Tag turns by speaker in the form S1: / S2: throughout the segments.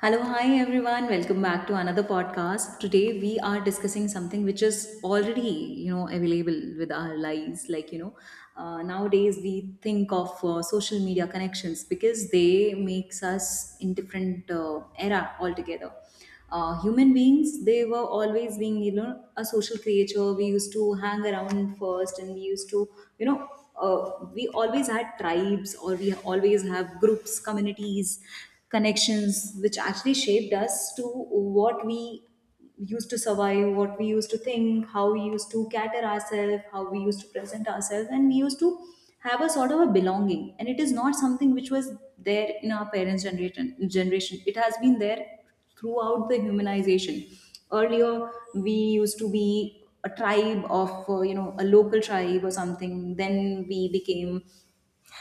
S1: Hello, hi everyone. Welcome back to another podcast. Today we are discussing something which is already, available with our lives. Nowadays we think of social media connections, because they makes us in different era altogether. Human beings, they were always being a social creature. We used to hang around first, and we used to you know we always had tribes, or we always have groups, communities, connections which actually shaped us to what we used to survive, what we used to think, how we used to cater ourselves, how we used to present ourselves, and we used to have a sort of a belonging. And it is not something which was there in our parents' generation. Generation, it has been there throughout the humanization. Earlier, we used to be a tribe of a local tribe or something. Then we became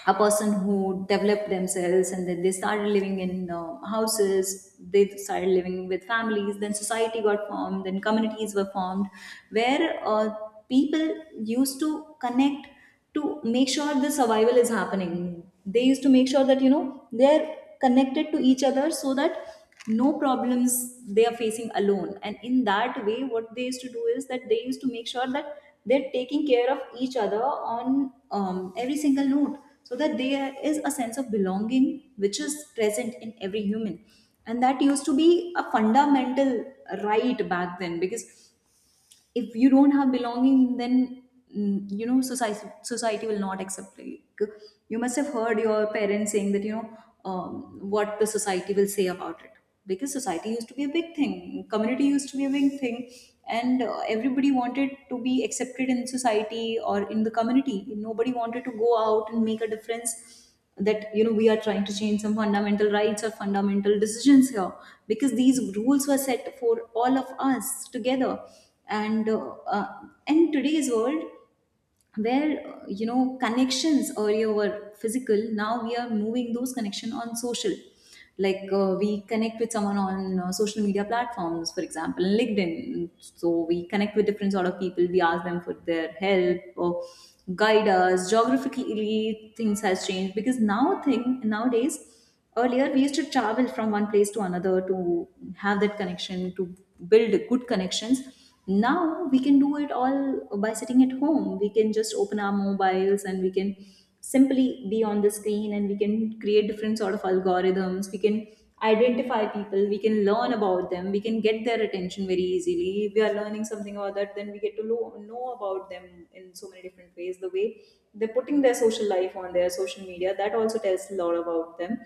S1: a person who developed themselves, and then they started living in houses, they started living with families, then society got formed, then communities were formed where people used to connect to make sure the survival is happening. They used to make sure that they're connected to each other, so that no problems they are facing alone. And in that way, what they used to do is that they used to make sure that they're taking care of each other on every single note, so that there is a sense of belonging which is present in every human. And that used to be a fundamental right back then, because if you don't have belonging, then society will not accept. Like, you must have heard your parents saying that what the society will say about it. Because society used to be a big thing, community used to be a big thing, and everybody wanted to be accepted in society or in the community. Nobody wanted to go out and make a difference, that we are trying to change some fundamental rights or fundamental decisions here, because these rules were set for all of us together. And in today's world, where connections earlier were physical, now we are moving those connections on social. Like, we connect with someone on social media platforms, for example LinkedIn. So we connect with different sort of people, we ask them for their help, or guide us geographically. Things has changed, because now thing nowadays, earlier we used to travel from one place to another to have that connection, to build good connections. Now we can do it all by sitting at home. We can just open our mobiles, and we can simply be on the screen, and we can create different sort of algorithms, we can identify people, we can learn about them, we can get their attention very easily. If we are learning something about that, then we get to know about them in so many different ways. The way they're putting their social life on their social media, that also tells a lot about them.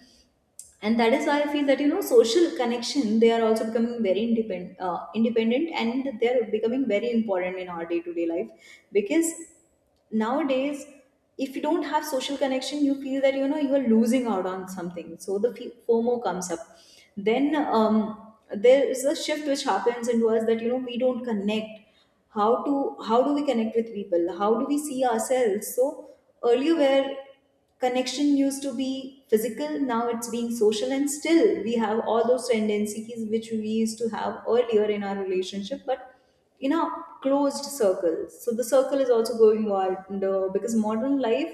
S1: And that is why I feel that social connection, they are also becoming very independent, and they're becoming very important in our day to day life. Because nowadays, if you don't have social connection, you feel that you are losing out on something. So the fomo comes up. Then, um, there is a shift which happens into us, that we don't connect, how to how do we connect with people, how do we see ourselves. So earlier, where connection used to be physical, now it's being social, and still we have all those tendencies which we used to have earlier in our relationship, but in a closed circle. So the circle is also going wider, because modern life,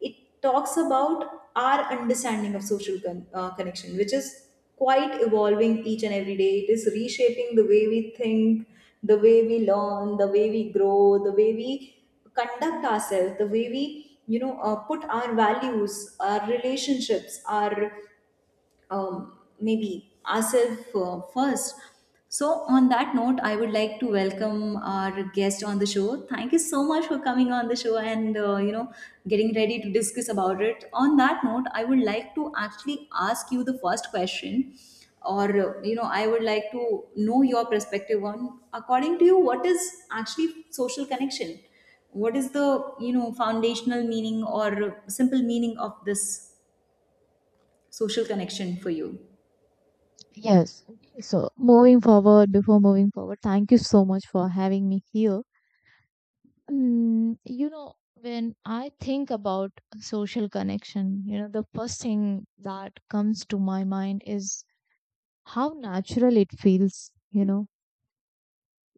S1: it talks about our understanding of social connection, which is quite evolving each and every day. It is reshaping the way we think, the way we learn, the way we grow, the way we conduct ourselves, the way we put our values, our relationships, our maybe ourselves first. So, on that note, I would like to welcome our guest on the show. Thank you so much for coming on the show, and getting ready to discuss about it. On that note, I would like to actually ask you the first question, or I would like to know your perspective on, according to you, what is actually social connection? What is the foundational meaning or simple meaning of this social connection for you?
S2: Yes. Okay, Before moving forward, thank you so much for having me here. When I think about social connection, the first thing that comes to my mind is how natural it feels,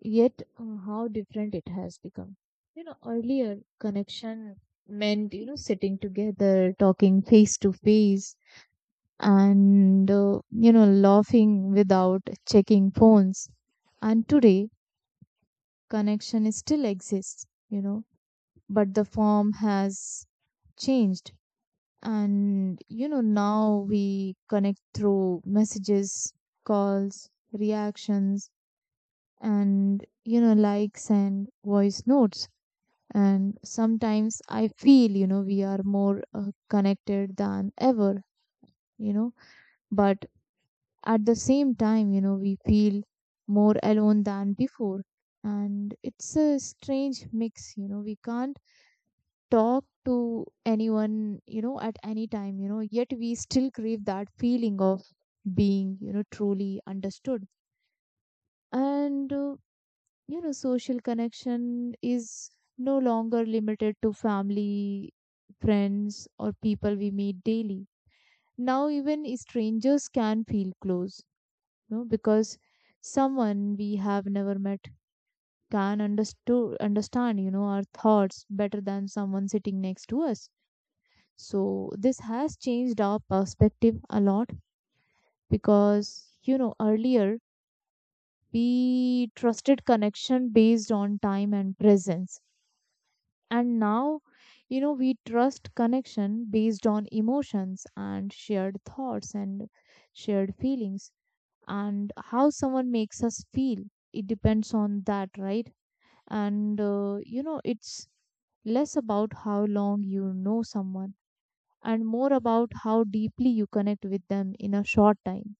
S2: yet how different it has become. Earlier connection meant, sitting together, talking face to face, and laughing without checking phones, and today connection still exists, but the form has changed. And now we connect through messages, calls, reactions, and likes and voice notes. And sometimes I feel, we are more connected than ever, you know but at the same time, we feel more alone than before. And it's a strange mix, we can't talk to anyone, at any time, yet we still crave that feeling of being, truly understood. And, uh, Social connection is no longer limited to family, friends, or people we meet daily. Now, even strangers can feel close, because someone we have never met can understood understand, our thoughts better than someone sitting next to us. So this has changed our perspective a lot, because earlier we trusted connection based on time and presence, and now, we trust connection based on emotions and shared thoughts and shared feelings, and how someone makes us feel, it depends on that, right? And it's less about how long you know someone, and more about how deeply you connect with them in a short time.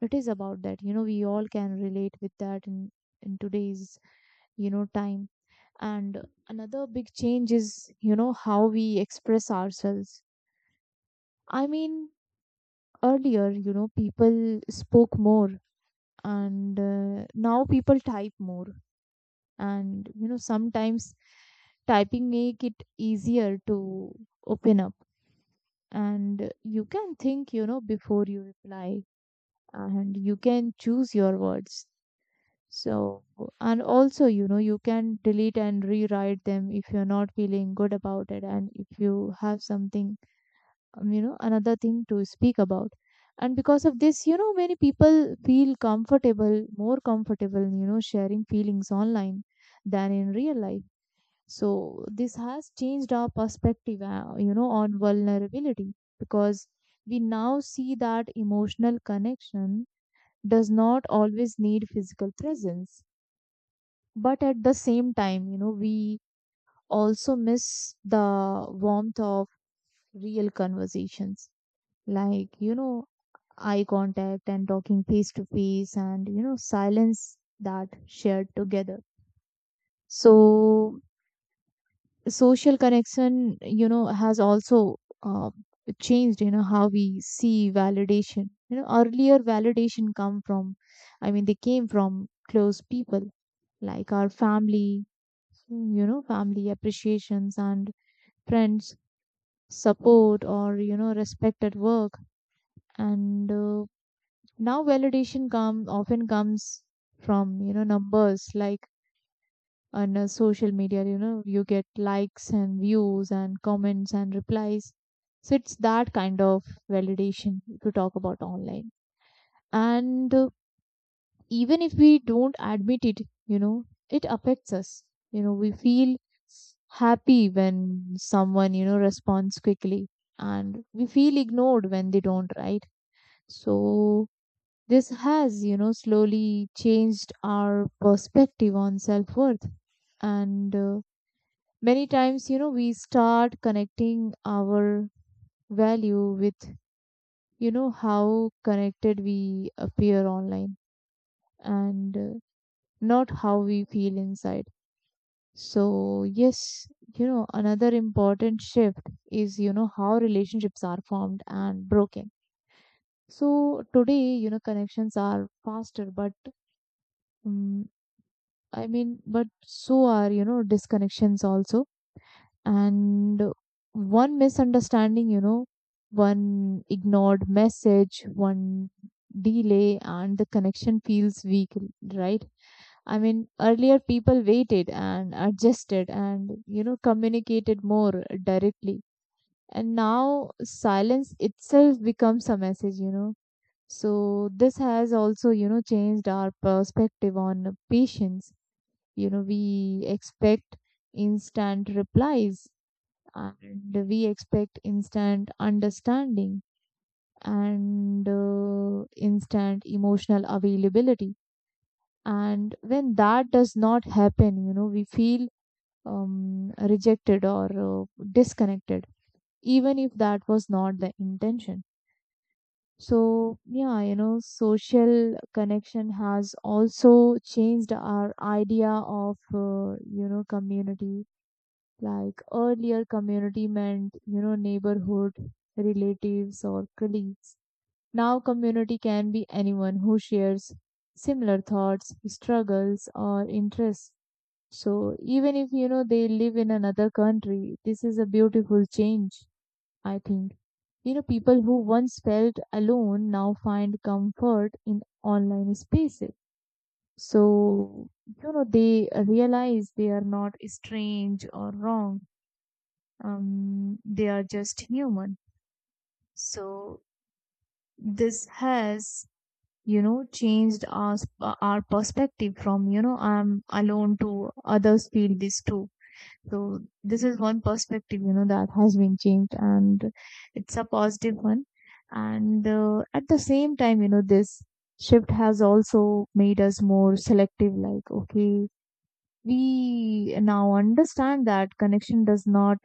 S2: It is about that, we all can relate with that in today's, time. And another big change is how we express ourselves. I mean, earlier, people spoke more, and now people type more, and sometimes typing make it easier to open up, and you can think, before you reply, and you can choose your words. So, and also, you can delete and rewrite them if you're not feeling good about it, and if you have something, another thing to speak about. And because of this, many people feel comfortable more comfortable, sharing feelings online than in real life. So this has changed our perspective, on vulnerability, because we now see that emotional connection does not always need physical presence. But at the same time, we also miss the warmth of real conversations, like, eye contact and talking face to face, and, silence that shared together. So social connection, has also uh, changed, how we see validation. Earlier validation come from I mean they came from close people, like our family, family appreciations, and friends support, or respect at work. And Now validation come often comes from, numbers, like on social media. You get likes and views and comments and replies. So it's that kind of validation to talk about online. And Even if we don't admit it, it affects us. We feel happy when someone, responds quickly, and we feel ignored when they don't, right? So this has, slowly changed our perspective on self worth. And Many times, we start connecting our value with, how connected we appear online, and not how we feel inside. So yes, another important shift is, how relationships are formed and broken. So today, connections are faster, but um, but so are, disconnections also. And one misunderstanding, one ignored message, one delay, and the connection feels weak, right? I mean, earlier people waited and adjusted, and communicated more directly, and now silence itself becomes a message, so this has also, changed our perspective on patience. We expect instant replies, and we expect instant understanding, and instant emotional availability. And when that does not happen, we feel rejected or disconnected, even if that was not the intention. So yeah, social connection has also changed our idea of community. Like earlier, community meant, neighborhood, relatives, or colleagues. Now, community can be anyone who shares similar thoughts, struggles, or interests. So, even if, they live in another country, this is a beautiful change, I think. You know, people who once felt alone now find comfort in online spaces. So, they realize they are not strange or wrong, they are just human. So this has, changed our perspective from, I'm alone to others feel this too. So this is one perspective, that has been changed, and it's a positive one. And at the same time, this shift has also made us more selective. Like, okay. We now understand that connection does not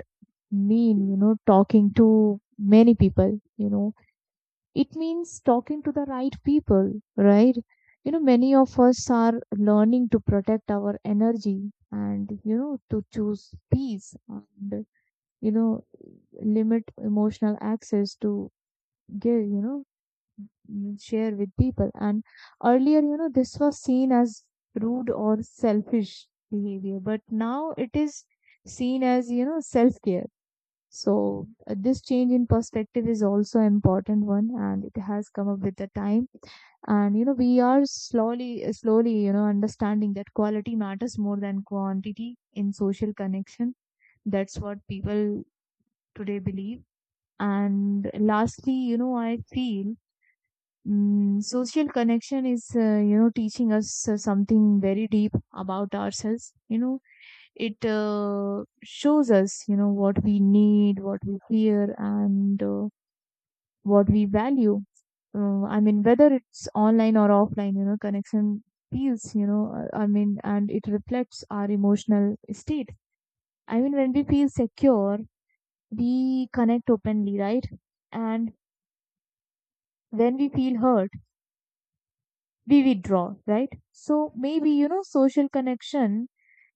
S2: mean, talking to many people, it means talking to the right people, right? You know, many of us are learning to protect our energy, and, to choose peace, and, you know, limit emotional access to give, share with people. And earlier, this was seen as rude or selfish behavior, but now it is seen as, self care. So this change in perspective is also an important one, and it has come up with the time. And you know, we are slowly, slowly, understanding that quality matters more than quantity in social connection. That's what people today believe. And lastly, I feel social connection is, teaching us something very deep about ourselves. You know, it shows us, what we need, what we fear, and what we value. Whether it's online or offline, connection feels, and it reflects our emotional state. I mean, when we feel secure, we connect openly, right? And when we feel hurt, we withdraw, right? So maybe, social connection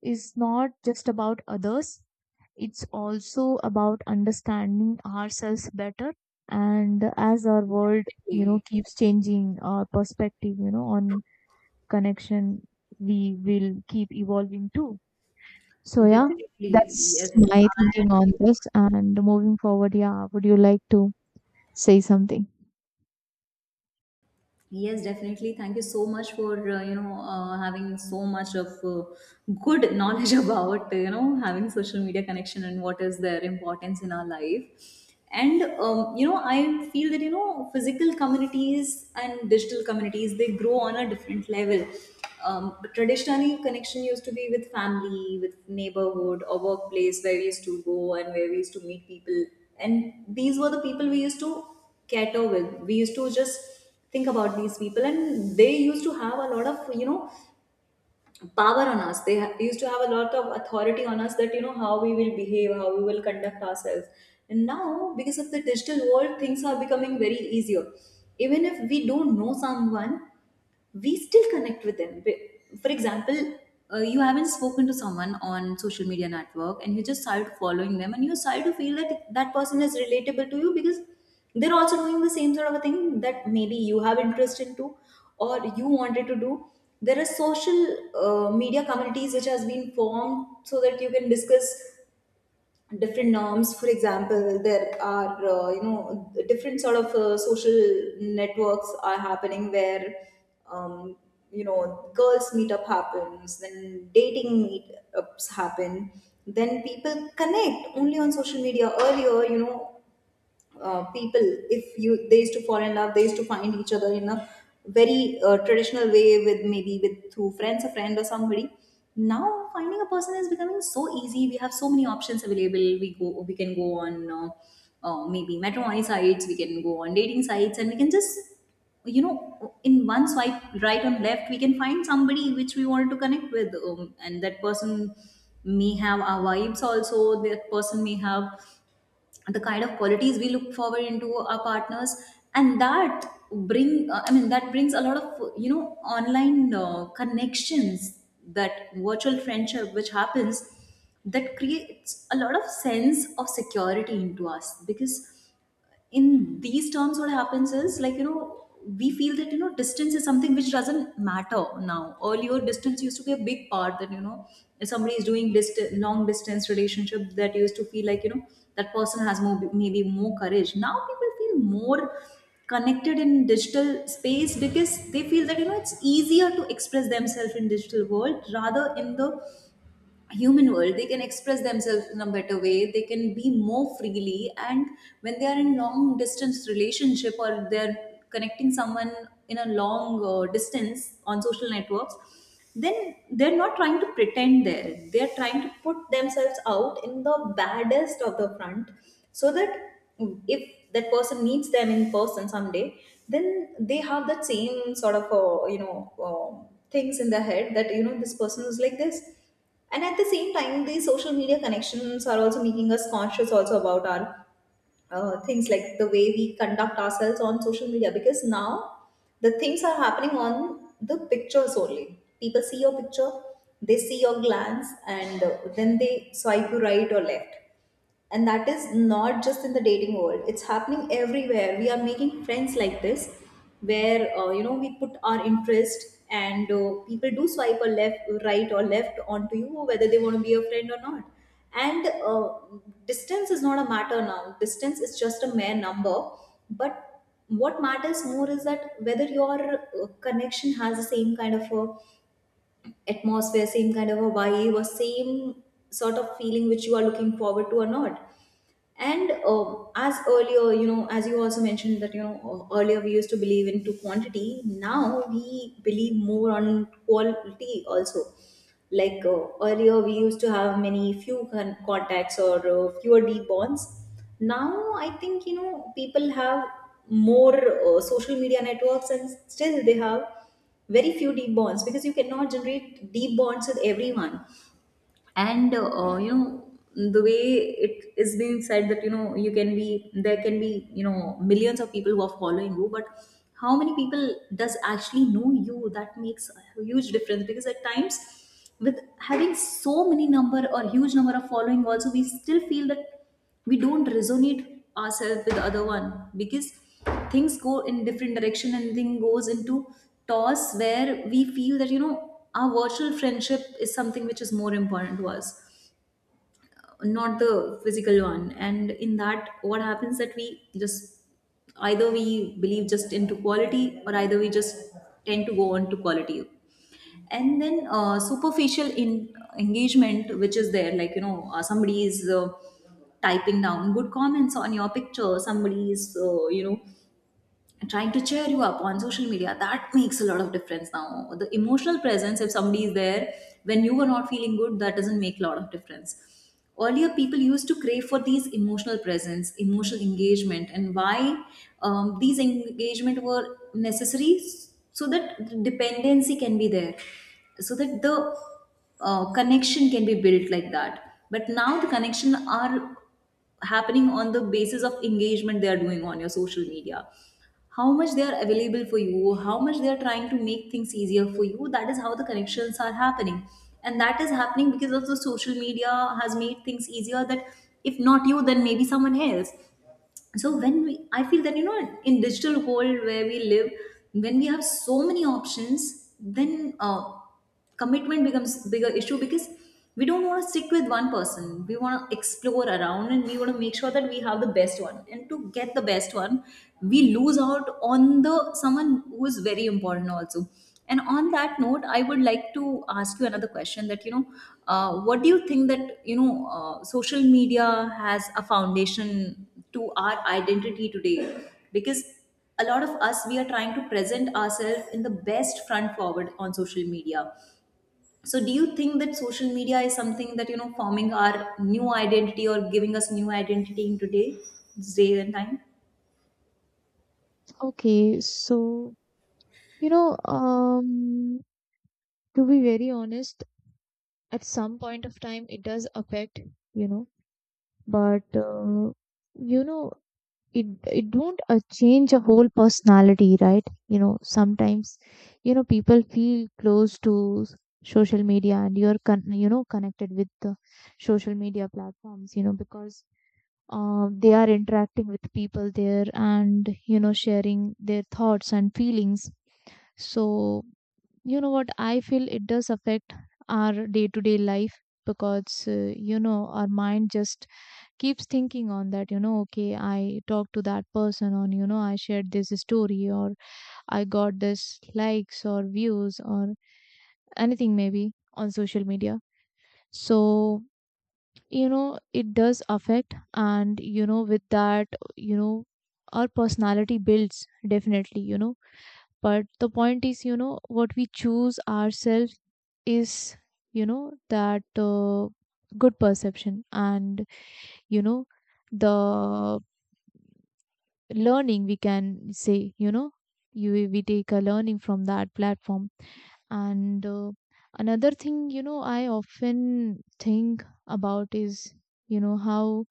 S2: is not just about others, it's also about understanding ourselves better. And as our world, keeps changing, our perspective, on connection, we will keep evolving too. So, yeah,
S1: Definitely,
S2: that's
S1: yes.
S2: my thinking on this. And moving forward, yeah, would you like to say something?
S1: Yes, definitely. Thank you so much for having so much of good knowledge about having social media connection, and what is their importance in our life. And I feel that physical communities and digital communities, they grow on a different level. But traditionally, connection used to be with family, with neighborhood or workplace, where we used to go and where we used to meet people. And these were the people we used to cater with. We used to just think about these people, and they used to have a lot of power on us. They used to have a lot of authority on us, that how we will behave, how we will conduct ourselves. And now, because of the digital world, things are becoming very easier. Even if we don't know someone, we still connect with them. For example, you haven't spoken to someone on social media network, and you just started following them, and you started to feel that that person is relatable to you, because they're also doing the same sort of a thing that maybe you have interest into, or you wanted to do. There are social media communities which has been formed so that you can discuss different norms. For example, there are different sort of social networks are happening, where um, girls meetup happens, then dating meetups happen, then people connect only on social media. Earlier, people, if you they used to fall in love, they used to find each other in a very traditional way, with maybe with through friends, a friend or somebody. Now finding a person is becoming so easy. We have so many options available. We can go on maybe matrimony sites, we can go on dating sites, and we can just in one swipe right and left, we can find somebody which we want to connect with. And that person may have our vibes also, that person may have the kind of qualities we look forward into our partners. And that bring I mean that brings a lot of online connections, that virtual friendship which happens, that creates a lot of sense of security into us. Because in these terms, what happens is like, we feel that distance is something which doesn't matter now. Earlier, distance used to be a big part, that if somebody is doing long distance relationship, that used to feel like that person has more, maybe more courage. Now people feel more connected in digital space, because they feel that it's easier to express themselves in digital world rather in the human world. They can express themselves in a better way, they can be more freely. And when they are in long distance relationship, or they're connecting someone in a long distance on social networks, then they're not trying to pretend there, they're trying to put themselves out in the baddest of the front. So that if that person meets them in person someday, then they have that same sort of um things in their head, that this person was like this. And at the same time, these social media connections are also making us conscious also about our things, like the way we conduct ourselves on social media. Because now the things are happening on the pictures only. People see your picture, they see your glance, and then they swipe you right or left. And that is not just in the dating world, it's happening everywhere. We are making friends like this, where we put our interest, and people do swipe or left right or left onto you, whether they want to be a friend or not. And distance is not a matter now. Distance is just a mere number. But what matters more is that whether your connection has the same kind of a atmosphere, same kind of a vibe, or same sort of feeling which you are looking forward to or not. And as earlier, as you also mentioned that, earlier we used to believe into quantity, now we believe more on quality also. Like earlier we used to have many few contacts or fewer deep bonds. Now I think, people have more social media networks and still they have very few deep bonds, because you cannot generate deep bonds with everyone. And the way it is being said that, you can be — there can be, millions of people who are following you, but how many people does actually know you? That makes a huge difference, because at times with having so many number or huge number of following also, we still feel that we don't resonate ourselves with other one. Because things go in different direction and thing goes into toss, where we feel that, our virtual friendship is something which is more important to us, not the physical one. And in that, what happens that we just — either we believe just into quality or either we just tend to go on to quality. And then superficial in engagement which is there, like, somebody is typing down good comments on your picture, somebody is, and trying to cheer you up on social media. That makes a lot of difference now. The emotional presence, if somebody is there when you are not feeling good, that doesn't make a lot of difference. Earlier people used to crave for these emotional presence, emotional engagement. And why these engagement were necessary? So that the dependency can be there, so that the connection can be built like that. But now the connection are happening on the basis of engagement they are doing on your social media, how much they are available for you, how much they are trying to make things easier for you. That is how the connections are happening. And that is happening because of the social media has made things easier, that if not you, then maybe someone else. So when we — I feel that, in digital world where we live, when we have so many options, then commitment becomes bigger issue, because we don't want to stick with one person, we want to explore around and we want to make sure that we have the best one. And to get the best one, we lose out on the someone who is very important also. And on that note, I would like to ask you another question, that, what do you think, that, social media has a foundation to our identity today? Because a lot of us, we are trying to present ourselves in the best front forward on social media. So do you think that social media is something that, forming our new identity or giving us new identity in today — this day and time?
S2: Okay, so you know, um, to be very honest, at some point of time it does affect, you know, but uh, you know, it don't change a whole personality, right? You know, sometimes, people feel close to social media, and you're connected with the social media platforms, because they are interacting with people there, and sharing their thoughts and feelings. So what I feel, it does affect our day to day life, because our mind just keeps thinking on that, okay, I talked to that person on, I shared this story, or I got this likes or views or anything maybe on social media. So it does affect. And with that, you know our personality builds definitely, but the point is, what we choose ourselves is, that good perception, and you know the learning we can say, you we take a learning from that platform. And another thing, I often think about is, how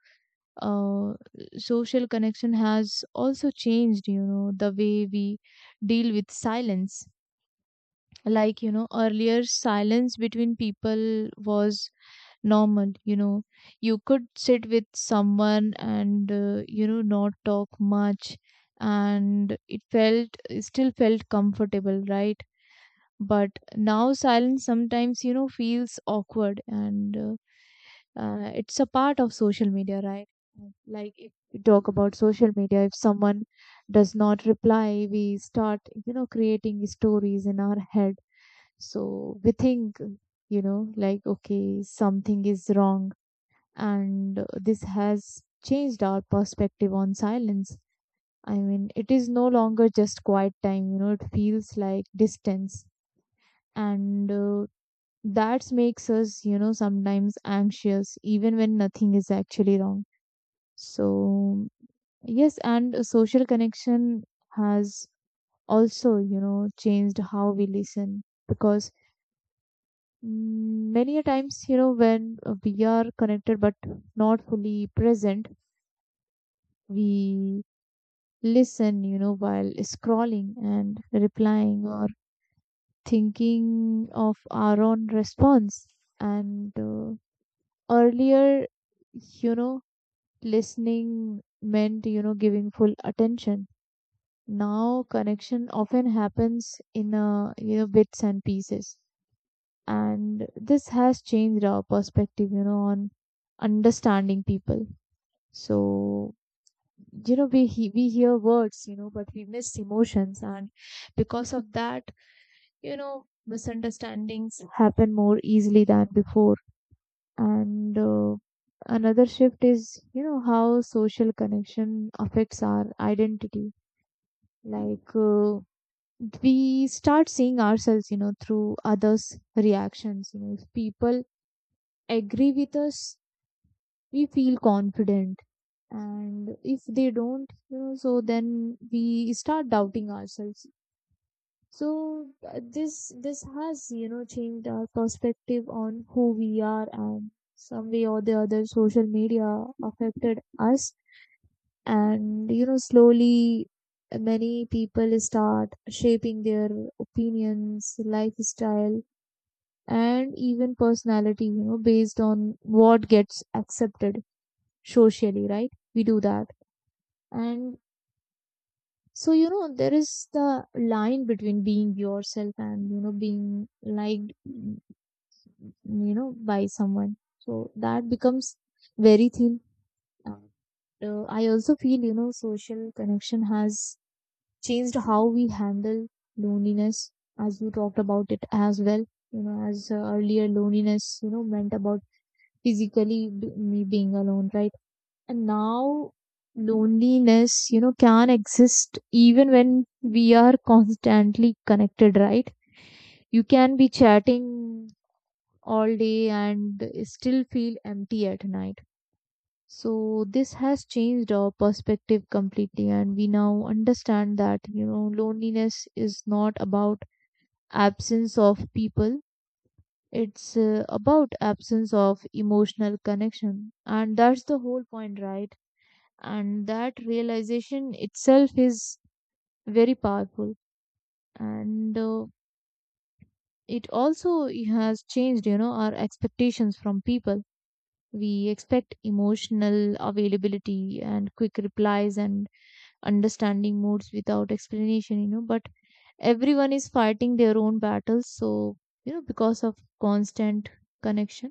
S2: uh, social connection has also changed, the way we deal with silence. Like, earlier silence between people was normal, you could sit with someone, and not talk much, and it still felt comfortable, right? But now silence sometimes, feels awkward, and it's a part of social media, right? Like, if we talk about social media, if someone does not reply, we start, creating stories in our head. So we think, like, okay, something is wrong. And this has changed our perspective on silence. I mean, it is no longer just quiet time, it feels like distance. And that makes us, sometimes anxious, even when nothing is actually wrong. So, yes, and social connection has also, changed how we listen, because many a times, when we are connected but not fully present, we listen, while scrolling and replying, or thinking of our own response. And earlier, you know, listening meant, giving full attention. Now, connection often happens in a, bits and pieces. And this has changed our perspective, on understanding people. So, we we hear words, but we miss emotions, and because of that, misunderstandings happen more easily than before. And another shift is, how social connection affects our identity. Like we start seeing ourselves, through others reactions. If people agree with us, we feel confident, and if they don't, so then we start doubting ourselves. So this has, changed our perspective on who we are, and some way or the other, social media affected us. And slowly many people start shaping their opinions, lifestyle, and even personality, based on what gets accepted socially, right? We do that. And so, there is the line between being yourself and, being liked, by someone. So that becomes very thin. And, I also feel, social connection has changed how we handle loneliness, as you talked about it as well. You know, as earlier, loneliness, meant about physically me being alone, right? And now loneliness, can exist even when we are constantly connected, right? You can be chatting all day and still feel empty at night. So this has changed our perspective completely, and we now understand that, loneliness is not about absence of people. It's about absence of emotional connection. And that's the whole point, right? And that realization itself is very powerful. And it also has changed, our expectations from people. We expect emotional availability, and quick replies, and understanding moods without explanation, but everyone is fighting their own battles. So, because of constant connection,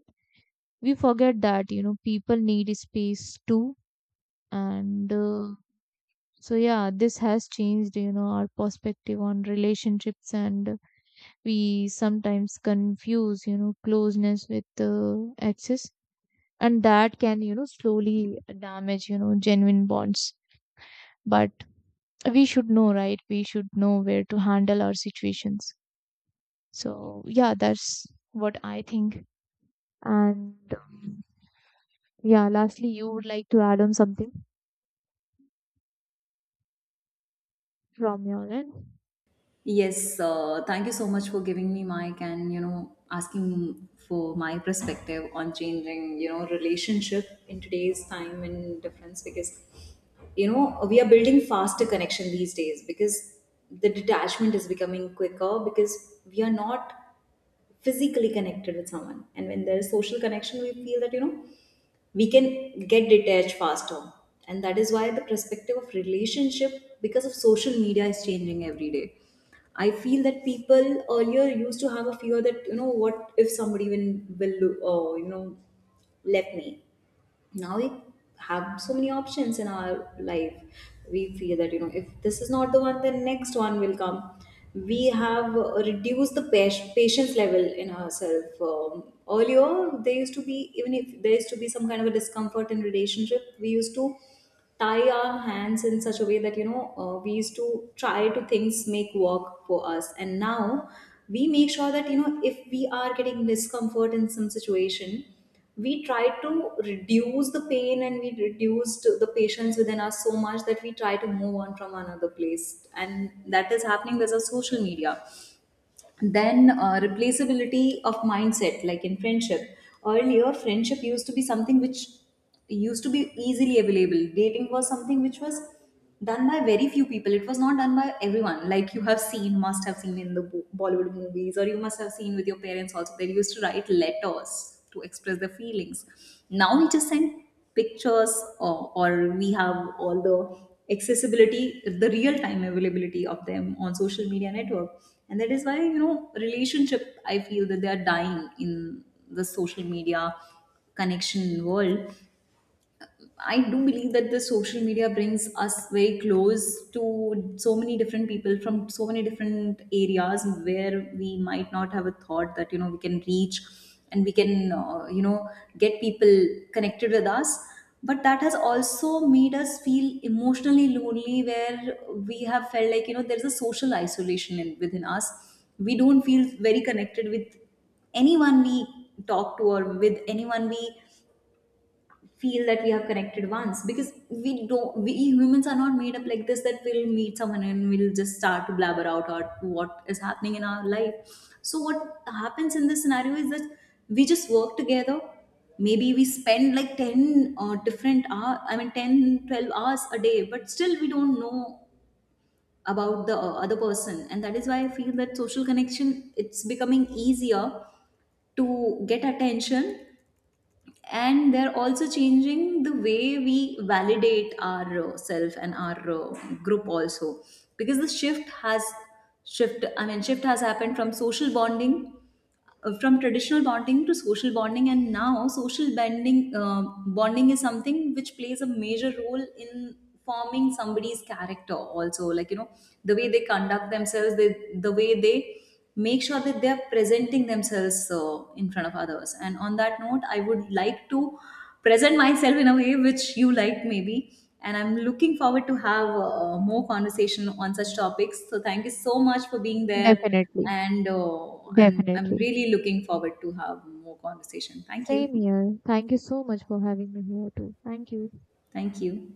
S2: we forget that, people need space too. And so yeah, this has changed, our perspective on relationships, and we sometimes confuse, closeness with access, and that can, slowly damage, genuine bonds. But we should know, right? We should know where to handle our situations. So yeah, that's what I think. And yeah, lastly, you would like to add on something from your end?
S1: Yes, thank you so much for giving me mic and, asking for my perspective on changing, relationship in today's time and difference. Because, we are building faster connection these days, because the detachment is becoming quicker, because we are not physically connected with someone. And when there is social connection, we feel that, we can get detached faster. And that is why the perspective of relationship because of social media is changing every day. I feel that people earlier used to have a fear that, what if somebody will uh, you know left me. Now we have so many options in our life, we feel that, if this is not the one, then next one will come. We have reduced the patience level in ourselves. Um, earlier there used to be — even if there used to be some kind of a discomfort in relationship, we used to tie our hands in such a way that, we used to try to things make work for us. And now we make sure that, if we are getting discomfort in some situation, we try to reduce the pain and we reduced the patients within us so much that we try to move on from another place. And that is happening because of social media. Then replaceability of mindset, like in friendship. Earlier friendship used to be something which used to be easily available. Dating was something which was done by very few people, it was not done by everyone, like you have seen — must have seen in the Bollywood movies, or you must have seen with your parents also, they used to write letters to express their feelings. Now we just send pictures, or we have all the accessibility, the real time availability of them on social media network. And that is why, relationship, I feel that they are dying in the social media connection world. I do believe that the social media brings us very close to so many different people from so many different areas, where we might not have a thought that, we can reach and we can, get people connected with us. But that has also made us feel emotionally lonely, where we have felt like, there's a social isolation in — within us. We don't feel very connected with anyone we talk to, or with anyone we feel that we have connected once, because we don't — we humans are not made up like this that we'll meet someone and we'll just start to blabber out or what is happening in our life. So what happens in this scenario is that we just work together, maybe we spend like 10 different hour, I mean 10, 12 hours a day, but still we don't know about the other person. And that is why I feel that social connection, it's becoming easier to get attention. And they're also changing the way we validate our self and our group also. Because the shift has — shift I mean shift has happened from social bonding, from traditional bonding to social bonding. And now social bonding — bonding is something which plays a major role in forming somebody's character also, like, the way they conduct themselves, they — the way they make sure that they are presenting themselves in front of others. And on that note, I would like to present myself in a way which you like, maybe. And I'm looking forward to have more conversation on such topics. So thank you so much for being there,
S2: Definitely.
S1: and I'm
S2: Definitely.
S1: really looking forward to have more conversation. Thank you,
S2: Same here. Thank you so much for having me here too. Thank you.
S1: thank you.